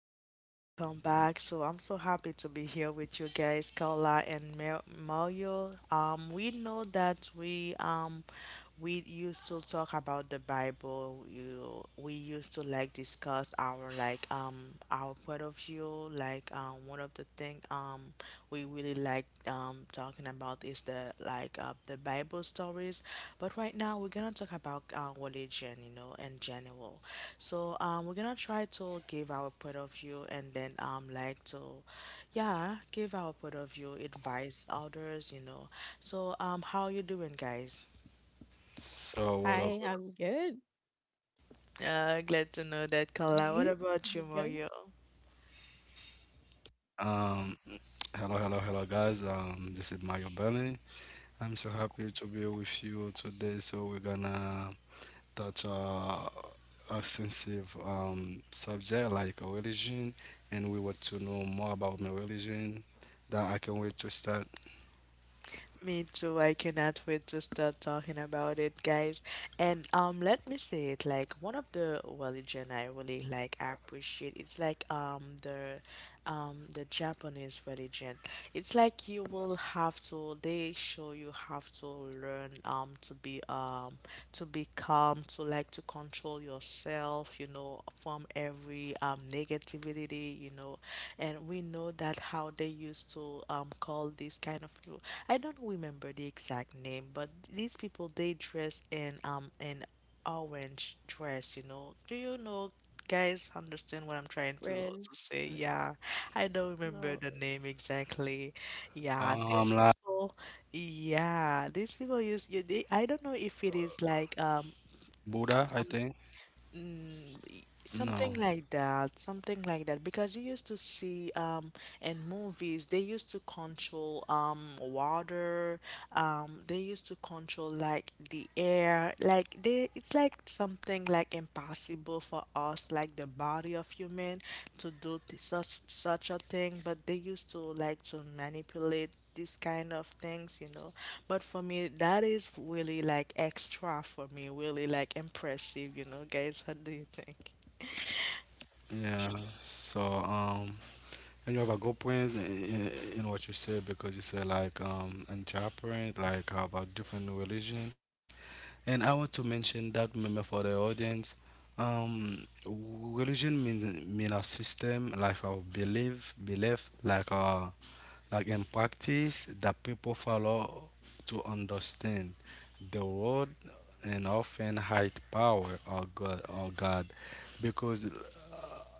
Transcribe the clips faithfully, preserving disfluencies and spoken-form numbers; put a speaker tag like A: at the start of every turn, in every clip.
A: everyone. Welcome back. So I'm so happy to be here with you guys, Carla and Mar- Mario. Um, we know that we um we used to talk about the Bible. You We used to like discuss our like um our point of view. Like um one of the thing um we really like um talking about is the like uh, the Bible stories. But right now we're gonna talk about uh, religion, you know, in general. So um, we're gonna try to give our point of view and then um like to, yeah, give our point of view, advise others, you know. So um, how you doing, guys?
B: So what up?
C: Hi,
B: what
C: I'm good.
A: Uh, glad to know that, Carla. What about you,
C: Good
A: Mario?
B: up? Um, hello, hello, hello, guys. Um, this is Mario Berlin. I'm so happy to be with you today. So we're gonna touch a a sensitive um subject like a religion, and we want to know more about my religion. That I can wait to start.
A: Me too. I cannot wait to start talking about it, guys. And um, let me say it like one of the religion I really like appreciate. It's like um the um, the Japanese religion. It's like you will have to, they show you have to learn um, to be um, to be calm, to like to control yourself, you know, from every um, negativity, you know. And we know that how they used to um, call this kind of people. I don't remember the exact name, but these people they dress in um in orange dress, you know. Do you know, guys, understand what I'm trying to,
C: friend.
A: to say? Yeah, I don't remember
C: No,
A: the name exactly. Yeah,
B: Um,
A: these
B: like
A: people, yeah, these people use you. They, I don't know if it is like um
B: Buddha, I think.
A: mm, y- something
B: No.
A: like that, something like that. Because you used to see um in movies they used to control um water, um they used to control like the air, like they it's like something like impossible for us, like the body of human to do th- such such a thing, but they used to like to manipulate these kind of things, you know. But for me, that is really like extra for me, really like impressive, you know, guys. What do you think?
B: Yeah. So um, And you have a good point in, in what you said because you said like um entrepreneur, like about different religion. And I want to mention that member for the audience. Um, religion mean mean a system like our belief, belief like uh like in practice that people follow to understand the world and often high power or God or God because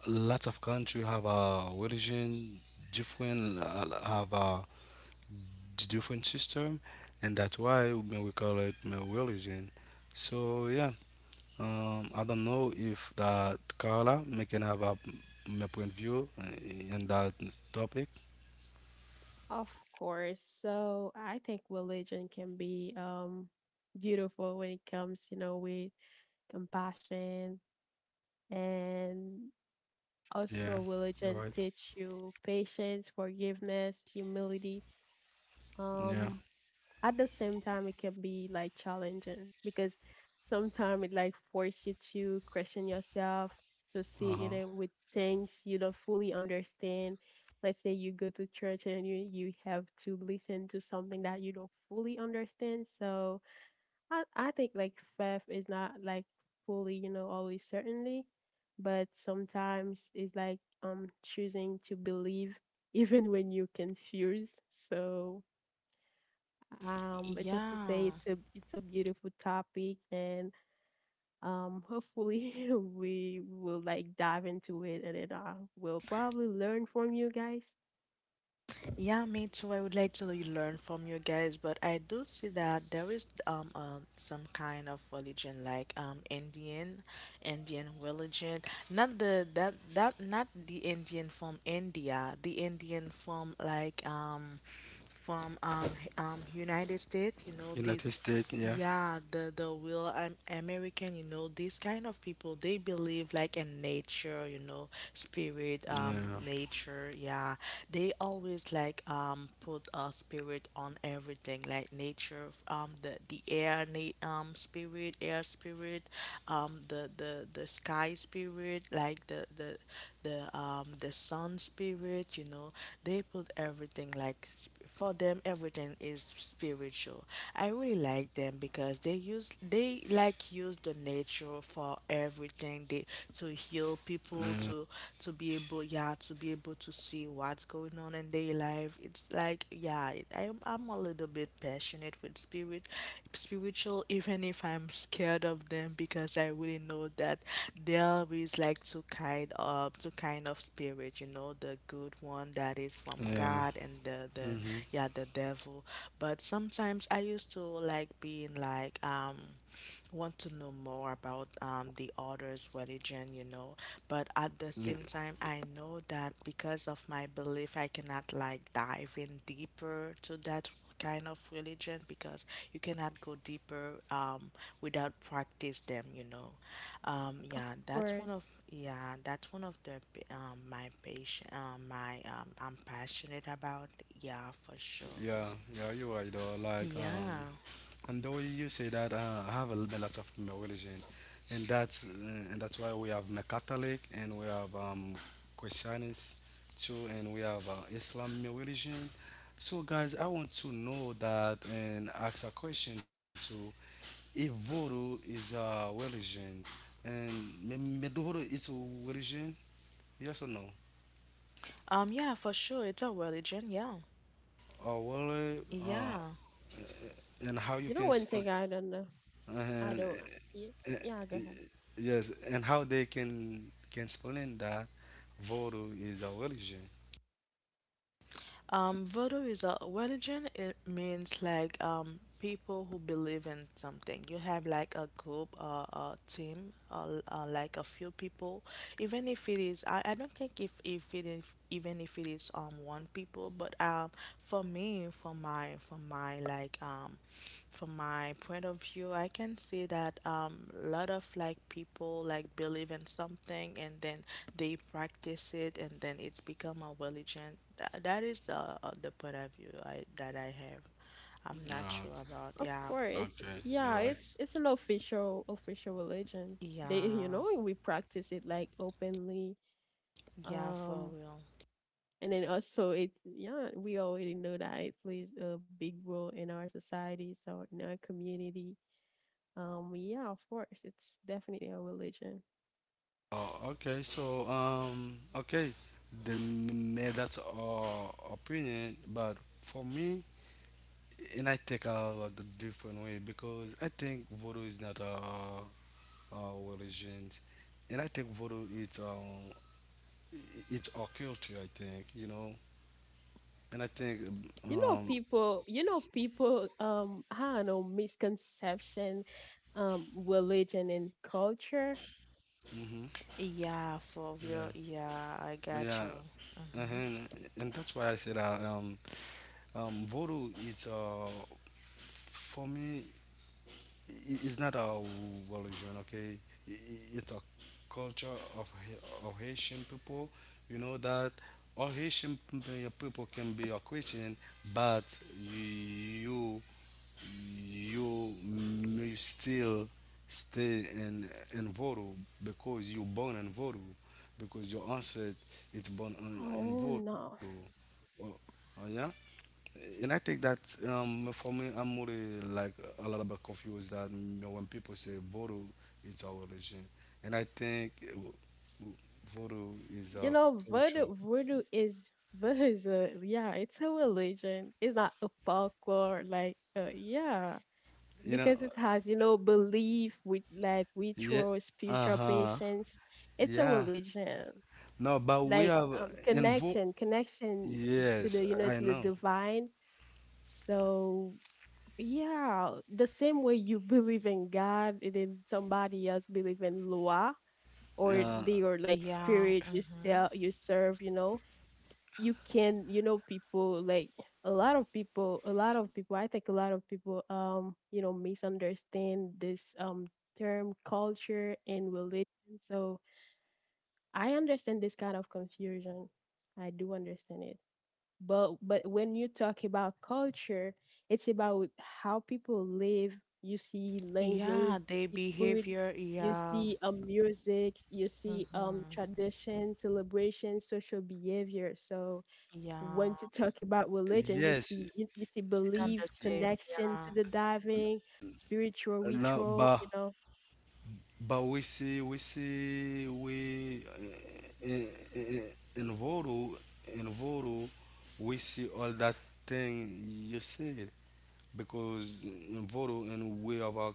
B: lots of country have a religion different uh, have a d- different system, and that's why we we call it uh, religion. So yeah, um, I don't know if that Carla may can have a my point of view uh, in that topic.
C: of course. So I think religion can be um beautiful when it comes, you know, with compassion, and
B: Yeah,
C: also
B: you're right.
C: religion teach you patience, forgiveness, humility.
B: Yeah.
C: um at the same time it can be like challenging, because sometimes it like force you to question yourself, to see, you
B: Uh-huh.
C: know, with things you don't fully understand. Let's say you go to church and you you have to listen to something that you don't fully understand. So i i think like faith is not like fully, you know, always certainly, but sometimes it's like um choosing to believe, even when you're confused. So um, but just to say,
A: Yeah.
C: it's a it's a beautiful topic, and um, hopefully we will like dive into it, and then uh, we'll probably learn from you guys.
A: Yeah, me too. I would like to le- learn from you guys, but I do see that there is um um some kind of religion like um Indian, Indian religion. Not the that that not the Indian from India, the Indian from like um from um h- um United States. You know
B: United
A: this,
B: States, yeah.
A: yeah, the the will um American, you know, these kind of people they believe like in nature, you know, spirit,
B: Yeah.
A: um, nature. Yeah, they always like um put a spirit on everything, like nature, um, the the air, na- um, spirit, air spirit, um, the the the sky spirit, like the the the um the sun spirit. You know, they put everything like sp- for them everything is spiritual. I really like them because they use they like use the nature for everything, they to
B: Yeah.
A: heal people to to be able yeah, to be able to see what's going on in their life. It's like yeah it, I'm, I'm a little bit passionate with with spirit spiritual, even if I'm scared of them, because I really know that they always like two kind of two kind of spirit, you know, the good one that is from
B: Yeah.
A: God and the the
B: Mm-hmm.
A: yeah, the devil. But sometimes I used to like being like um want to know more about um, the other's religion, you know. But at the same time, I know that because of my belief, I cannot like dive in deeper to that kind of religion because you cannot go deeper um, without practice them, you know. Um,
C: Of
A: yeah, that's one of
C: course,
A: yeah, that's one of the um, my patient um, my um, I'm passionate about. Yeah, for sure.
B: Yeah. Yeah, you're right though. like um
A: Yeah.
B: And the way you say that, uh, I have a, a lot of religion, and that's uh, and that's why we have my Catholic, and we have um, Christians too, and we have uh, Islam religion. So guys, I want to know that and ask a question too. If voodoo is a religion, and me, me do voodoo is a religion, yes or no?
A: Um. Yeah, for sure. It's a religion. Yeah.
B: Or really, uh,
A: Yeah.
B: and how you
C: you know
B: can?
C: one thing I don't know. I
B: And
C: don't. Yeah,
B: uh,
C: yeah. Go
B: uh,
C: ahead.
B: yes, and how they can can explain that voodoo is a religion.
A: Um, voodoo is a religion. It means like um, people who believe in something. You have like a group, uh, a team, uh, uh, like a few people. Even if it is, I, I don't think if if it is even if it is um one people, but um for me, for my for my like um from my point of view, I can see that um a lot of like people like believe in something, and then they practice it, and then it's become a religion. That, that is the uh, the point of view I, that I have. I'm not
B: Oh,
A: sure about,
C: Of
A: yeah,
C: course, it's,
B: okay, you're
C: yeah.
B: right.
C: It's it's an official official religion. They, you
A: yeah,
C: know, we practice it like openly.
A: yeah, for
C: Um,
A: real,
C: And then also, it's, yeah, we already know that it plays a big role in our society, so in our community. Um, yeah, of course, it's definitely a religion.
B: Oh, okay. So, um, okay, they made that uh, opinion, but for me, and I take a the different way because I think voodoo is not a, a religion, and I think voodoo it's um it's a culture. I think, you know, and I think
C: You know,
B: um.
C: people, you know, people, um, I don't know, misconception, um, religion and culture.
B: Mhm.
A: yeah, for
B: Yeah,
A: real, yeah, I
B: yeah.
A: got you.
B: uh
A: Mm-hmm.
B: and that's why I said uh, um, um, Voodoo is uh, for me, i- it's not a religion. Okay, I- i- it's a culture of, Ha- of Haitian people. You know that all haitian p- people can be a Christian, but you you may still stay in in voodoo because you born in voodoo because your ancestor is born in, in
C: Oh
B: voodoo.
C: no,
B: Oh, oh yeah. And I think that um, for me, I'm more uh, like a lot about confused, that you know, when people say voodoo, it's our religion, and I think uh, w- voodoo is
C: you
B: our
C: know,
B: culture.
C: voodoo, voodoo is voodoo is a, yeah, it's a religion. It's not a folklore, like, uh, yeah,
B: You know,
C: because it has, you know, belief with like
B: yeah,
C: ritual, spiritual
B: uh-huh,
C: patience. It's a
B: yeah.
C: religion,
B: No, but we
C: like,
B: have uh,
C: um
B: in vo
C: connection connection to
B: Yes,
C: the, you know,
B: I
C: to the
B: know.
C: divine. So yeah, the same way you believe in God, and then somebody else believe in loa, or
B: Uh,
C: they, or like
A: Yeah.
C: spirit you
A: Mm-hmm.
C: sell, you serve, you know. You can, you know, people like, a lot of people a lot of people I think a lot of people um you know, misunderstand this um term, culture and religion. So I understand this kind of confusion, I do understand it. But but when you talk about culture, it's about how people live. You see
A: Yeah,
C: language, you
A: they
C: see food,
A: behavior.
C: you
A: Yeah.
C: see um music, you see um
A: Mm-hmm.
C: tradition, celebrations, social behavior. So
A: Yeah.
C: when you talk about religion,
B: yes,
C: you see you, you see
A: Is
B: y-
A: it on
C: belief,
A: the same?
C: connection
A: Yeah.
C: to the diving, spiritual
B: no,
C: ritual,
B: but
C: you know.
B: But we see, we see, we uh, in, in, in Voodoo, in Voodoo, we see all that thing you said because in Voodoo and we of our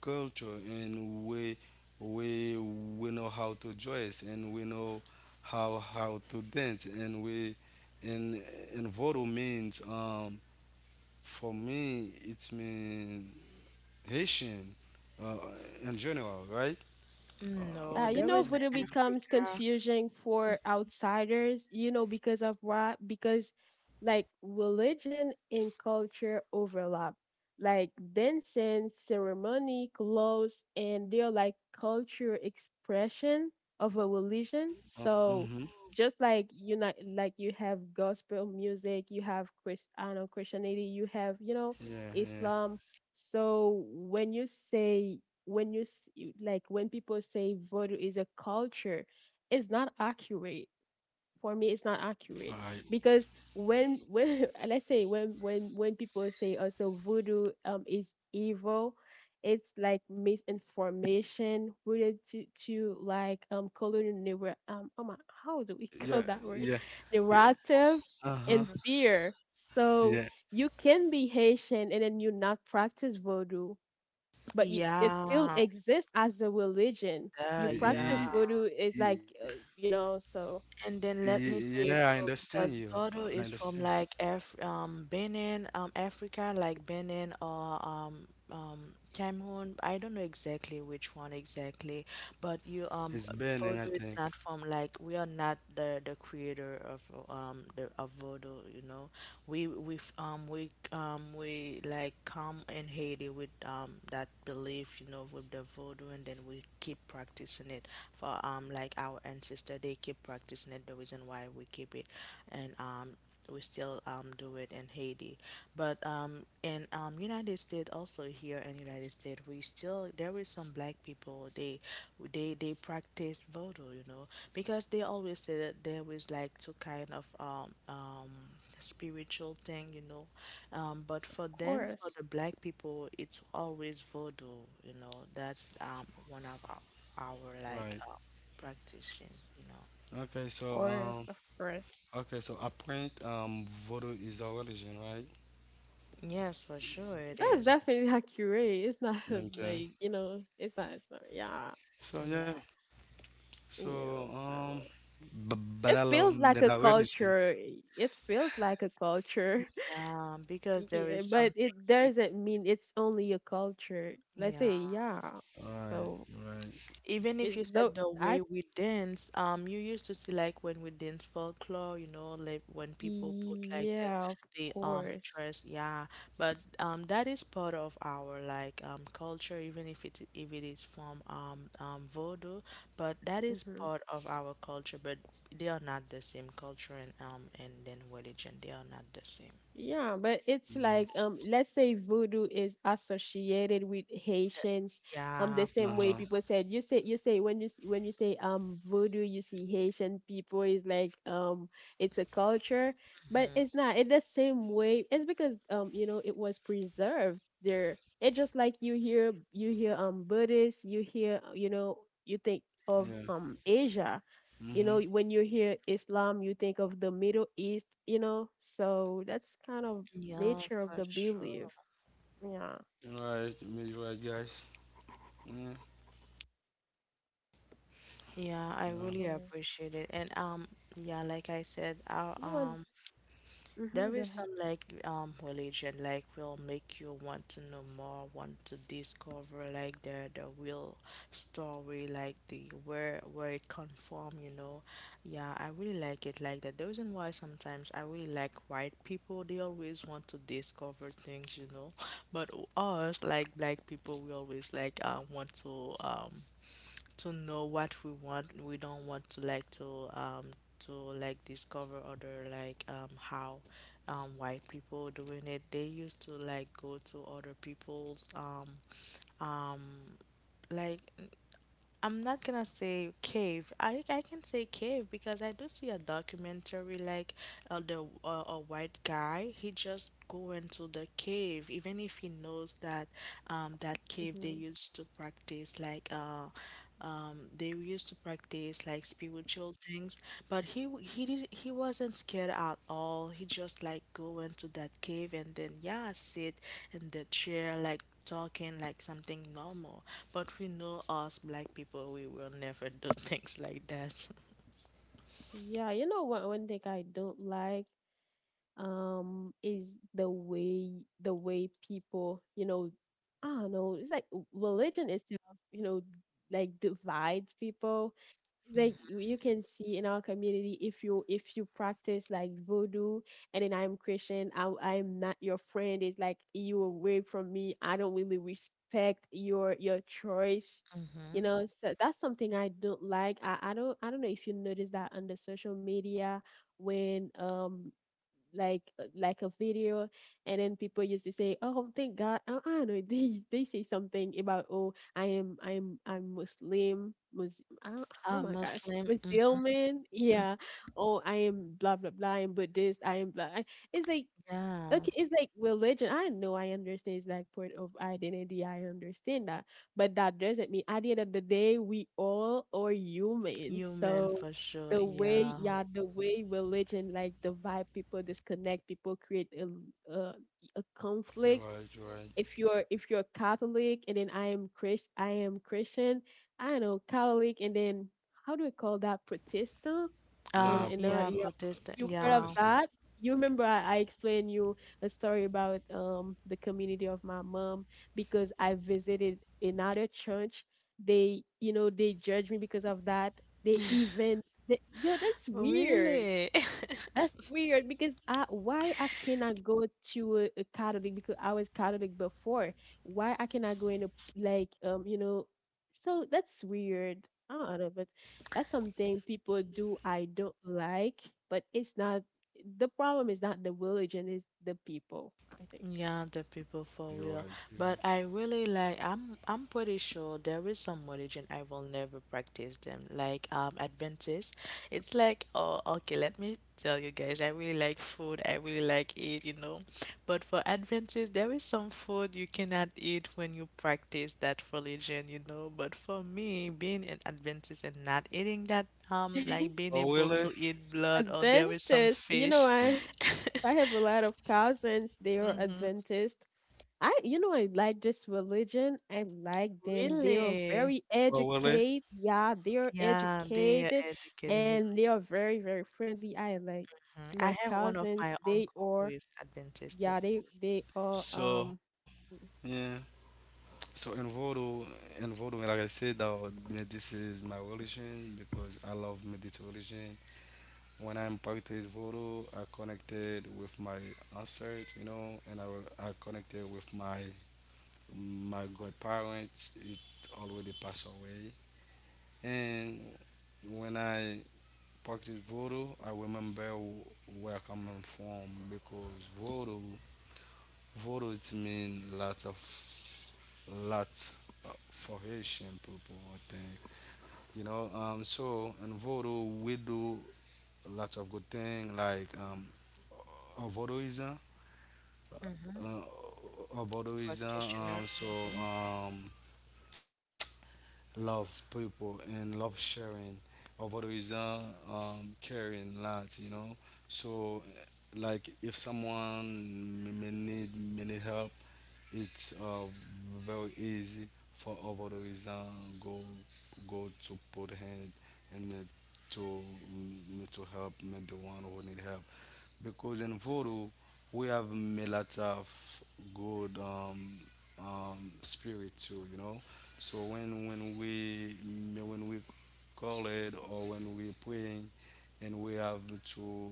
B: culture and we we we know how to dress and we know how how to dance and we and and Voodoo means um for me it means Haitian uh, in general, right? Uh,
A: Mm, no,
C: Yeah, you
B: no,
A: there
C: know,
A: is
C: when
B: I
C: it
A: a
B: think.
C: becomes
A: Africa.
C: confusing for outsiders, you know, because of what? Because like religion and culture overlap. Like dancing, ceremony, clothes, and they're like culture expression of a religion.
B: Uh,
C: So,
B: mm-hmm.
C: just like, you know, like you have gospel music, you have Christ, I don't know, Christianity, you have, you know,
B: Yeah, yeah.
C: Islam. So when you say when you s- you- like when people say voodoo is a culture, it's not accurate. For me it's not
B: All right.
C: accurate. Because when when let's say, when when when people say also voodoo um is evil, it's like misinformation related to, to like um colonial neuro- um oh my, how do we
B: Yeah,
C: call that word?
B: yeah. Yeah.
C: Narrative
B: Uh-huh.
C: and
A: Mm-hmm.
C: fear. So
B: Yeah.
C: you can be Haitian and then you not practice voodoo, but you, it still
A: Yeah.
C: exists as a religion. You
A: The, yeah.
C: practice
B: Y-
C: voodoo is like,
B: y-
C: uh, you know, so
A: And then let
B: y-
A: me
B: yeah,
A: say
B: I
A: it too,
B: understand
A: because
B: you. Uh,
A: Voodoo
B: I
A: is
B: understand.
A: from like Af um Benin, um, Africa, like Benin or um um Cameroon. I don't know exactly which one exactly, but you um,
B: It's burning, I
A: Voodoo is
B: think.
A: not from like we are not the the creator of um the of Voodoo, you know, we we f- um we um we like come in Haiti with um that belief, you know, with the voodoo, and then we keep practicing it for um like our ancestor. They keep practicing it. The reason why we keep it, and um we still um do it in Haiti, but um in um United States, also here in United States we still, there is some black people they they they practice voodoo, you know, because they always say that there is like two kind of um um spiritual thing, you know. Um, but
C: of
A: for them, for
C: course,
A: the black people, it's always voodoo, you know. That's um one of our, our like
B: Right.
A: uh, practicing, you know.
B: Okay,
C: of
B: so
C: course,
B: um
C: of course.
B: okay, so apparent um voodoo is a religion, right?
A: Yes, for sure it
C: That's
A: is.
C: definitely accurate. It's not,
B: Okay.
C: like, you know, it's not, it's not, yeah,
B: So
A: Yeah,
B: yeah. So
C: You know,
B: um
C: so
B: b- but I
C: it
B: love
C: feels
B: that
C: like a
B: religion.
C: culture. It feels like a culture.
A: yeah, because there
C: Yeah,
A: is
C: but
A: some things
C: it
A: we,
C: doesn't mean it's only a culture. Let's
A: yeah.
C: say, yeah.
B: Right,
C: So
B: right.
A: Even if
C: it
A: you said
C: though.
A: the way
C: I,
A: we dance, um, you used to see like when we dance folklore, you know, like when people put like the
C: yeah, of
A: the um
C: course.
A: dress, yeah. But um, that is part of our like um culture, even if it's if it is from um um Voodoo, but that is
C: Mhm.
A: part of our culture. But they are not the same culture, and um and then religion, they are not the same.
C: Yeah, but it's
B: Yeah.
C: like, um let's say voodoo is associated with
A: The-
C: Haitians, um
A: yeah,
C: the
A: for
C: same way
A: sure.
B: Uh-huh.
C: people said, you say you say when you s- when you say um voodoo, you see Haitian people is like, um it's a culture, but
A: Mm-hmm.
C: it's not in the same way. It's because, um you know, it was preserved there. It's just like you hear you hear um Buddhist, you hear, you know, you think of
B: Yeah.
C: um Asia. You know,
B: Mm-hmm.
C: when you hear Islam, you think of the Middle East, you know? So that's kind of
A: Yeah,
C: nature of
A: for
C: the
A: sure.
C: belief. Yeah, of
B: Right, me right, guys. Yeah,
A: Yeah, I
B: yeah,
A: really
C: course.
A: appreciate it. And um yeah, like I said, I,
C: You know, and,
A: um,
C: hmm
A: there
C: go
A: is
C: ahead.
A: some like um religion like will make you want to know more, want to discover like the the real story, like the where where it come from, you know. Yeah, I really like it like that. The reason why sometimes I really like white people, they always want to discover things, you know. But us like black people we always like um want to um to know what we want. We don't want to like to um to like discover other like um how um white people doing it. They used to like go to other people's um um like I'm not gonna say cave. I I can say cave because I do see a documentary like uh, the uh, a white guy. He just go into the cave, even if he knows that um that cave they
C: Hmm.
A: used to practice like uh um they used to practice like spiritual things, but he w- he did he wasn't scared at all. He just like go into that cave and then yeah sit in the chair like talking like something normal. But we know us black people, we will never do things like that.
C: Yeah, you know what? One thing I don't like um is the way the way people, you know, I don't know. It's like religion itself, you know, like divides people. It's like you you can see in our community, if you if you practice like voodoo, and then I'm Christian, I I'm not your friend. It's like you away from me. I don't really respect your your choice. You
A: Mm-hmm.
C: know, so that's something I don't like. I, I don't I don't know if you notice that on the social media, when um like like a video, and then people used to say, oh thank God, uh uh know. they they say something about, oh, I am, i'm I'm Muslim, Mus-, uh, oh
A: Ah,
C: my gosh,
A: Muslim, mm-mm,
C: Muslim man, yeah, oh I am blah blah blah, I am Buddhist, I am blah. I, it's like,
A: yeah.
C: okay. It's like religion. I know, I understand it's like part of identity. I understand that. But that doesn't mean, at the end of the day, we all are humans.
A: Human
C: So
A: for sure,
C: the way,
A: yeah.
C: yeah, the way religion like divide people, disconnect people, create a, a, a
B: you're right,
C: conflict.
B: you're right.
C: If you're if you're Catholic, and then I am Christ I am Christian, I don't know, Catholic, and then how do we call that? Protestant?
B: Yeah,
C: And
A: Um,
C: and
B: I'm,
C: uh,
A: yeah,
C: yeah, if
A: Protestant,
B: I
C: you're part of
A: yeah.
B: Protestant.
C: that, you remember I, I explained you a story about um the community of my mom, because I visited another church. They, you know, they judge me because of that. They even, they, yo, that's weird.
A: Really?
C: That's weird, because I, why I cannot go to a, a Catholic, because I was Catholic before. Why I cannot go in a, like, um you know, so that's weird. I don't know, but that's something people do I don't like. But it's not. The problem is not the religion, it's the people. I
A: Yeah, the people for
B: You're
A: real.
B: right, you're right.
A: But I really like, I'm I'm pretty sure there is some religion I will never practice them. Like um Adventist. It's like oh okay, let me tell you guys, I really like food, I really like it, you know. But for Adventist there is some food you cannot eat when you practice that religion, you know. But for me, being an Adventist and not eating that um
C: think
A: like being
B: Oh,
A: able
B: really?
A: to eat blood or there is some
C: Adventist. You know,
A: fish.
C: I I have a lot of cousins. They are
A: Mm-hmm.
C: Adventist. I, you know, I like this religion. I like them. They are
A: Really?
C: very
B: Oh, really?
C: educated. Yeah, they are
A: Yeah, they are
C: educated,
A: educated.
C: and they are very, very friendly. I like
A: Mhm. I
C: my
A: have one of
C: cousins.
A: my
C: They
A: uncle who
C: are,
A: is Adventist, um,
C: yeah, they they are.
B: So,
C: Um,
B: yeah. So, in Voodoo, in Voodoo, like I said, uh, this is my religion because I love meditation. When I'm practice Voodoo, I connected with my ancestors, you know, and I, I connected with my my godparents. It already passed away. And when I practice voodoo, I remember w- where I'm from because voodoo, voodoo it means lots of lots of- for Haitian people. I think, you know. Um, so in voodoo we do lots of good things like um, uh, voodooism,
A: mhm,
B: uh, uh, voodooism.
A: practitioner,
B: Um, so
A: mhm,
B: um, Love people and love sharing although uh, um, caring lots, you know. So like if someone may may need may need help, it's uh, very easy for over the reason go go to put hand and uh, to mm, to help me the one who need help because in voodoo we have a lot of good um, um, spirit too, you know. So when when we when we call it or when we praying, and we have to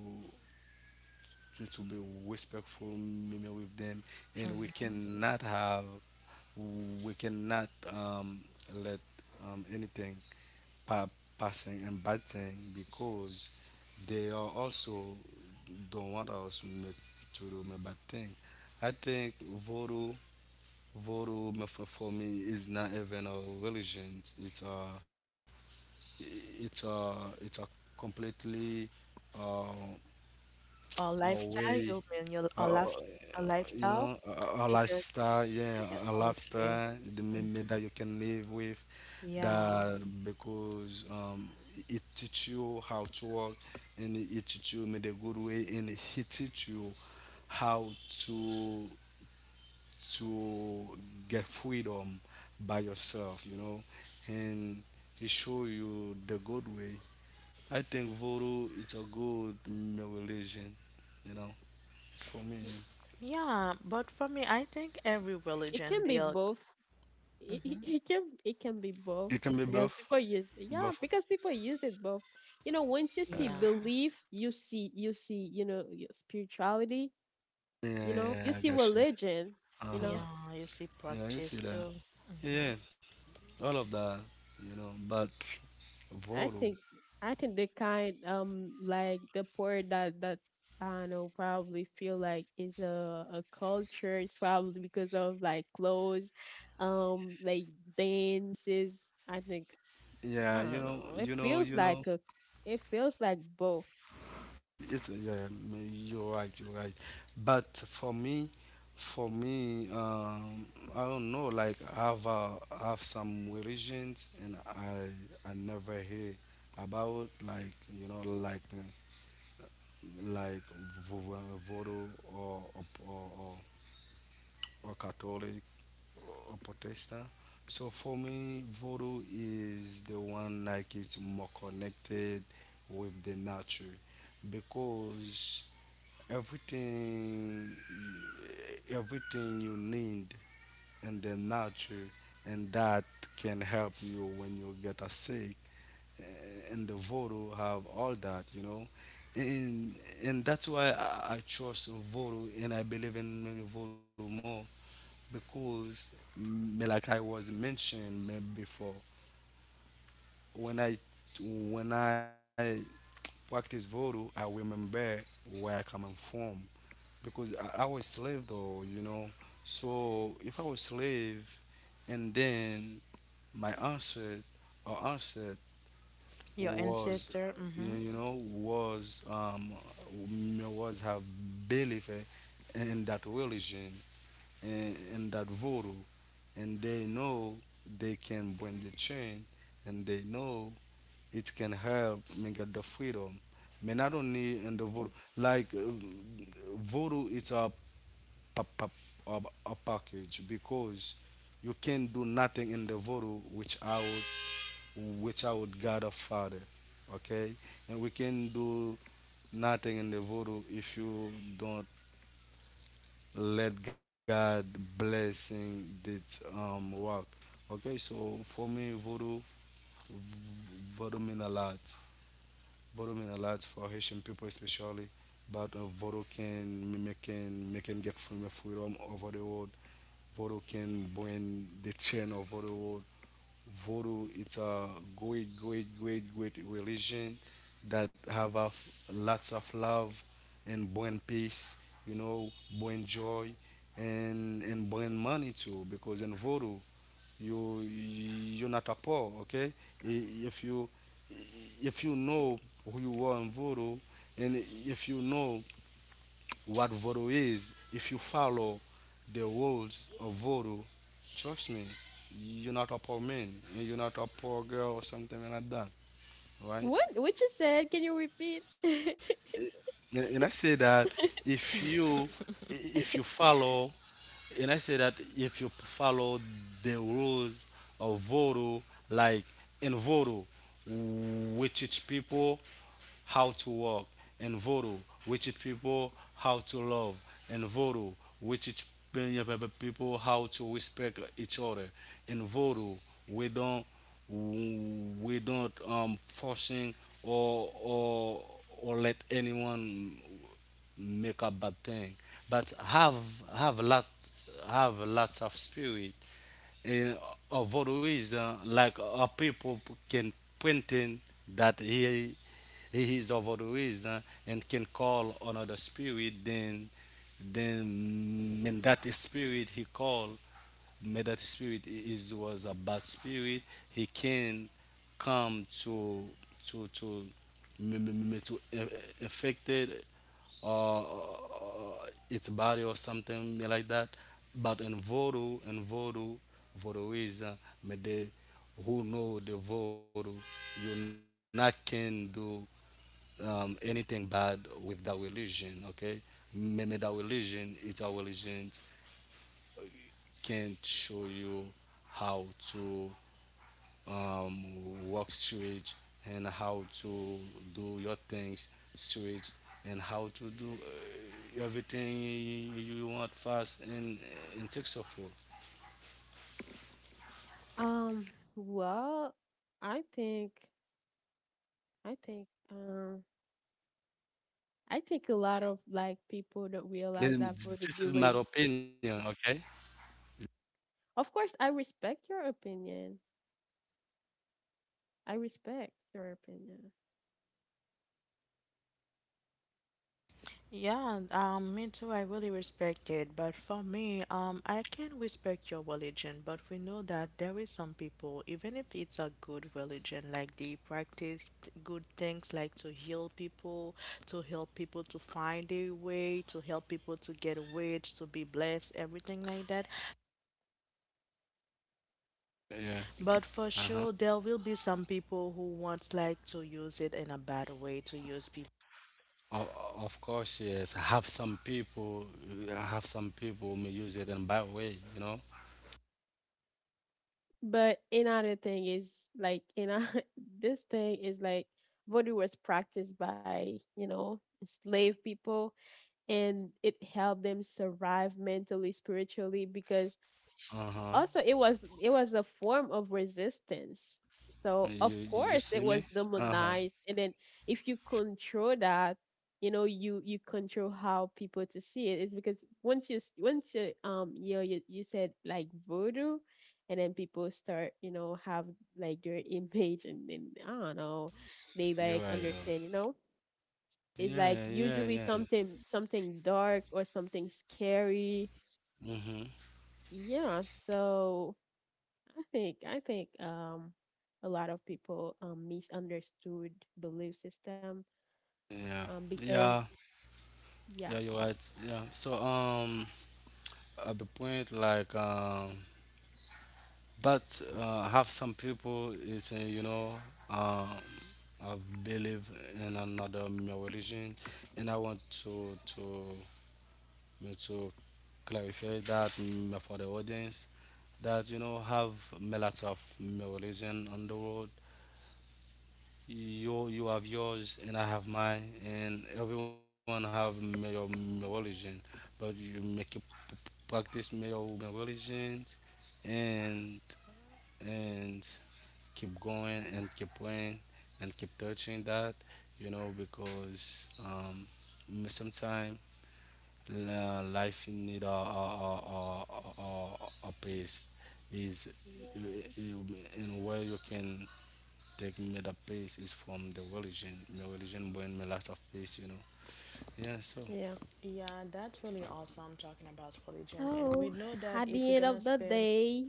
B: to, to be respectful you with them, and we
A: mhm.
B: cannot have we cannot um, let um, anything pa- passing and bad thing because they are also don't want us ma- to do my bad thing. I think voodoo, voodoo ma- for for me is not even a religion. It's a, it's a, it's a completely uh,
A: Or
B: a
A: lifestyle,
B: way,
A: you mean your a
B: uh,
A: life, a
B: you
A: lifestyle
B: know, a, a a
A: because
B: lifestyle, yeah,
A: yeah,
B: a a
A: okay.
B: lifestyle, the
A: Mhm.
B: meme that you can live with,
A: Yeah,
B: that because um, it teach you how to work, and it it teach you in a good way, and it teach you how to to get freedom by yourself, you know, and it show you the good way. I think voodoo is a good mm, religion, you know, for me.
A: yeah, but for me, I think every
C: It
A: religion
C: can be
A: they'll,
C: both. It, it
A: hmm,
C: it can it can be
B: It can be
C: both,
B: both.
C: because people use,
B: But
C: yeah, because people use it both. You know, once you see
A: yeah,
C: belief, you see you see, you know, your spirituality. You
B: yeah,
C: know, you
B: yeah, I
C: see
B: got you.
C: religion. You know.
B: Uh-huh.
A: yeah, you see,
B: Yeah, you
A: practice
B: see that.
A: too. Hmm.
B: Yeah, all of that, you know, but
C: I
B: Voodoo.
C: think I think the kind, um like the part that that I don't know, probably feel like is a a culture. It's probably because of like clothes, um like dances. I think,
B: Yeah,
C: I
B: you
C: don't
B: know,
C: know. It
B: you know,
C: feels
B: you know,
C: like a it feels like both.
B: it's yeah, m- you're right, you're right. But for me, for me, um, I don't know, like I have uh, I have some religions and I I never hear about like you know like uh, like vo- vo- voodoo or or or, or or Catholic or protester. So for me, Voodoo is the one like it's more connected with the nature because everything everything you need in the nature and that can help you when you get a sick eh, and the voodoo have all that, you know. and and that's why I, I trust voodoo and I believe in voodoo more because mm, like I was mentioned mm, before, when I when I practice voodoo, I remember where I coming from because I, I was slave though, you know. So if I was slave, and then my ancestor or ancestor
A: Your
B: was,
A: ancestor,
B: you
A: mm-hmm.
B: know, you know, was um was have belief in that religion in, in that voodoo, and they know they can bring the change, and they know it can help me get the freedom. Man, I don't need in the voodoo. Like uh, voodoo, it's a, pa- pa- a, a package because you can not do nothing in the voodoo which I would which I would God a father, okay? And we can do nothing in the voodoo if you don't let God blessing that um work. Okay, so for me, voodoo, voodoo mean a lot. Voodoo mean a lot for Haitian people especially. But uh, voodoo can make can make can get from freedom over the world. Voodoo can bring the chain over the world. Voodoo it's a great, great, great, great religion that have a f- lots of love and bring peace, you know, bring joy and and bring money too. Because in Voodoo you you're not a poor, okay? I- If you if you know who you are in Voodoo and if you know what voodoo is, if you follow the rules of voodoo, trust me, you're not a poor man, you're not a poor girl or something like that, right?
C: What what you said? Can you repeat?
B: And and I say that if you if you follow, and I say that if you follow the rules of voodoo, like in voodoo, we teach people how to walk. In voodoo, we teach people how to love. In voodoo, we teach pe- pe- pe- people how to respect each other. In voodoo, we don't we don't um forcing or or or let anyone make a bad thing but have have lots have lots of spirit and of all reason like a people can pointing that he he is of all reason and can call another spirit then then mean that spirit he called may that spirit is was a bad spirit he can come to to to m- m- m- to a- a- affected or uh, its body or something like that. But in Voodoo, in Voodoo, Voodoo is uh, may they who know the Voodoo, you not can do um, anything bad with that religion. Okay, maybe that religion, it's our religion, can't show you how to um, work straight and how to do your things straight and how to do uh, everything you want fast and uh, and successful.
C: Um, well, I think I think um I think a lot of like people don't realize
B: Then
C: that voodoo
B: This is my
C: believe.
B: opinion, okay?
C: Of course, I respect your opinion. I respect your opinion.
A: Yeah, um, me too. I really respect it. But for me, um, I can respect your religion, but we know that there is some people, even if it's a good religion, like they practice good things like to heal people, to help people to find their way, to help people to get rich, to be blessed, everything like that.
B: Yeah.
A: But for
B: Uh-huh.
A: sure, there will be some people who wants like to use it in a bad way, to use people.
B: Of, of course, yes. Have some people, have some people may use it in bad way, you know?
C: But another thing is, like, in a, this thing is like voodoo was practiced by, you know, slave people, and it helped them survive mentally, spiritually, because
B: Uh-huh.
C: also it was it was a form of resistance. So
B: You
C: of
B: you
C: course
B: see
C: it
B: me?
C: was
B: Uh-huh.
C: demonized, and then if you control that, you know, you you control how people to see it. It's because once you s- once you um you know, you, you said like voodoo, and then people start, you know, have like their image, and then I don't know, they
B: You're
C: like
B: right though.
C: understand, you know. It's
B: Yeah,
C: like
B: yeah, yeah.
C: usually something something dark, or something scary,
B: Mm-hmm.
C: yeah. So I think I think um a lot of people um misunderstood belief system,
B: Yeah.
C: um because,
B: Yeah.
C: yeah,
B: Yeah, you're right. Yeah. So um, at the point like um, but uh, have some people is uh, you know um, I believe in another religion, and I want to to me to clarify that mm, for the audience that you know have a lot of religion on the world. You you have yours and I have mine, and everyone have your religion, but you make practice my own religion and and keep going and keep praying and keep touching that, you know, because um sometimes uh, life need a, a, a, a, a, a pace is in where you can take me the pace is from the religion. My religion bring me lots of peace, you know, yeah so
C: yeah.
A: Yeah, that's really awesome talking about religion.
C: So,
A: And we know that
C: at
A: if we're
C: the end
A: gonna
C: of the
A: spend,
C: day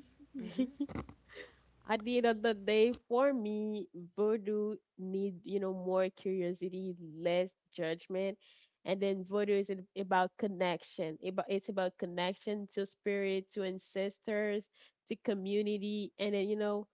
C: at the end of the day, for me, voodoo need, you know, more curiosity, less judgment, and then voodoo is ab- about connection. About it's about connection to spirit, to ancestors, to community, and then, you know,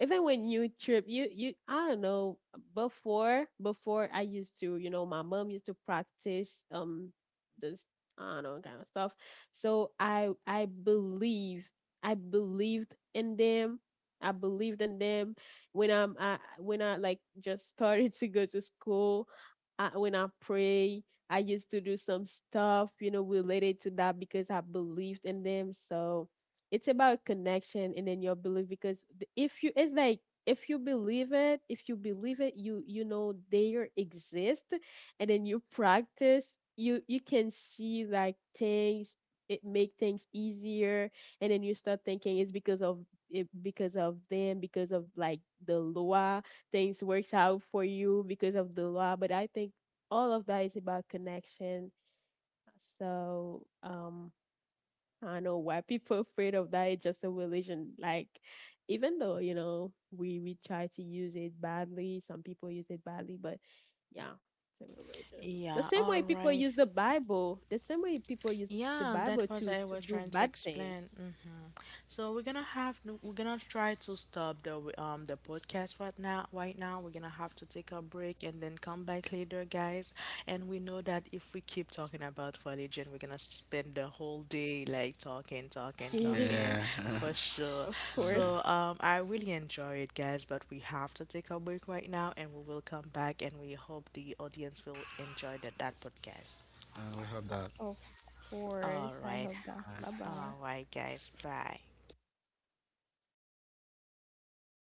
C: even when you trip, you you, I don't know. Before before, I used to, you know, my mom used to practice um this, I don't know, kind of stuff. So, I I believe I believed in them, I believed in them when I'm I, when I like just started to go to school. I, when I pray, I used to do some stuff, you know, related to that, because I believed in them. So it's about connection and then your belief, because the- if you, it's like, if you believe it, if you believe it, you you know they are exist, and then you practice. You you can see like things. It make things easier, and then you start thinking it's because of it, because of them, because of like the law, things works out for you because of the law. But I think all of that is about connection. So um I don't know why people are afraid of that. It's just a religion, like, even though, you know, we we try to use it badly, some people use it badly, but yeah, it's a religion. The
A: yeah,
C: same
A: all
C: way people
A: right.
C: use the Bible, the same way people use the
A: Yeah, that
C: Bible,
A: was
C: to
A: I
C: to
A: was
C: do
A: trying to
C: bad things.
A: explain. Hmm. So we're gonna have we're gonna try to stop the um the podcast right now. Right now, we're gonna have to take a break and then come back later, guys. And we know that if we keep talking about religion, we're gonna spend the whole day like talking, talking, talking,
B: yeah
C: Yeah,
B: yeah,
A: for sure.
C: of course.
A: So um, I really enjoy it, guys. But we have to take a break right now, and we will come back, and we hope the audience will enjoy that that podcast.
B: and we have that
C: Of
A: All
C: course.
A: right.
C: I hope that. Bye
A: All
C: bye.
A: right, guys. Bye.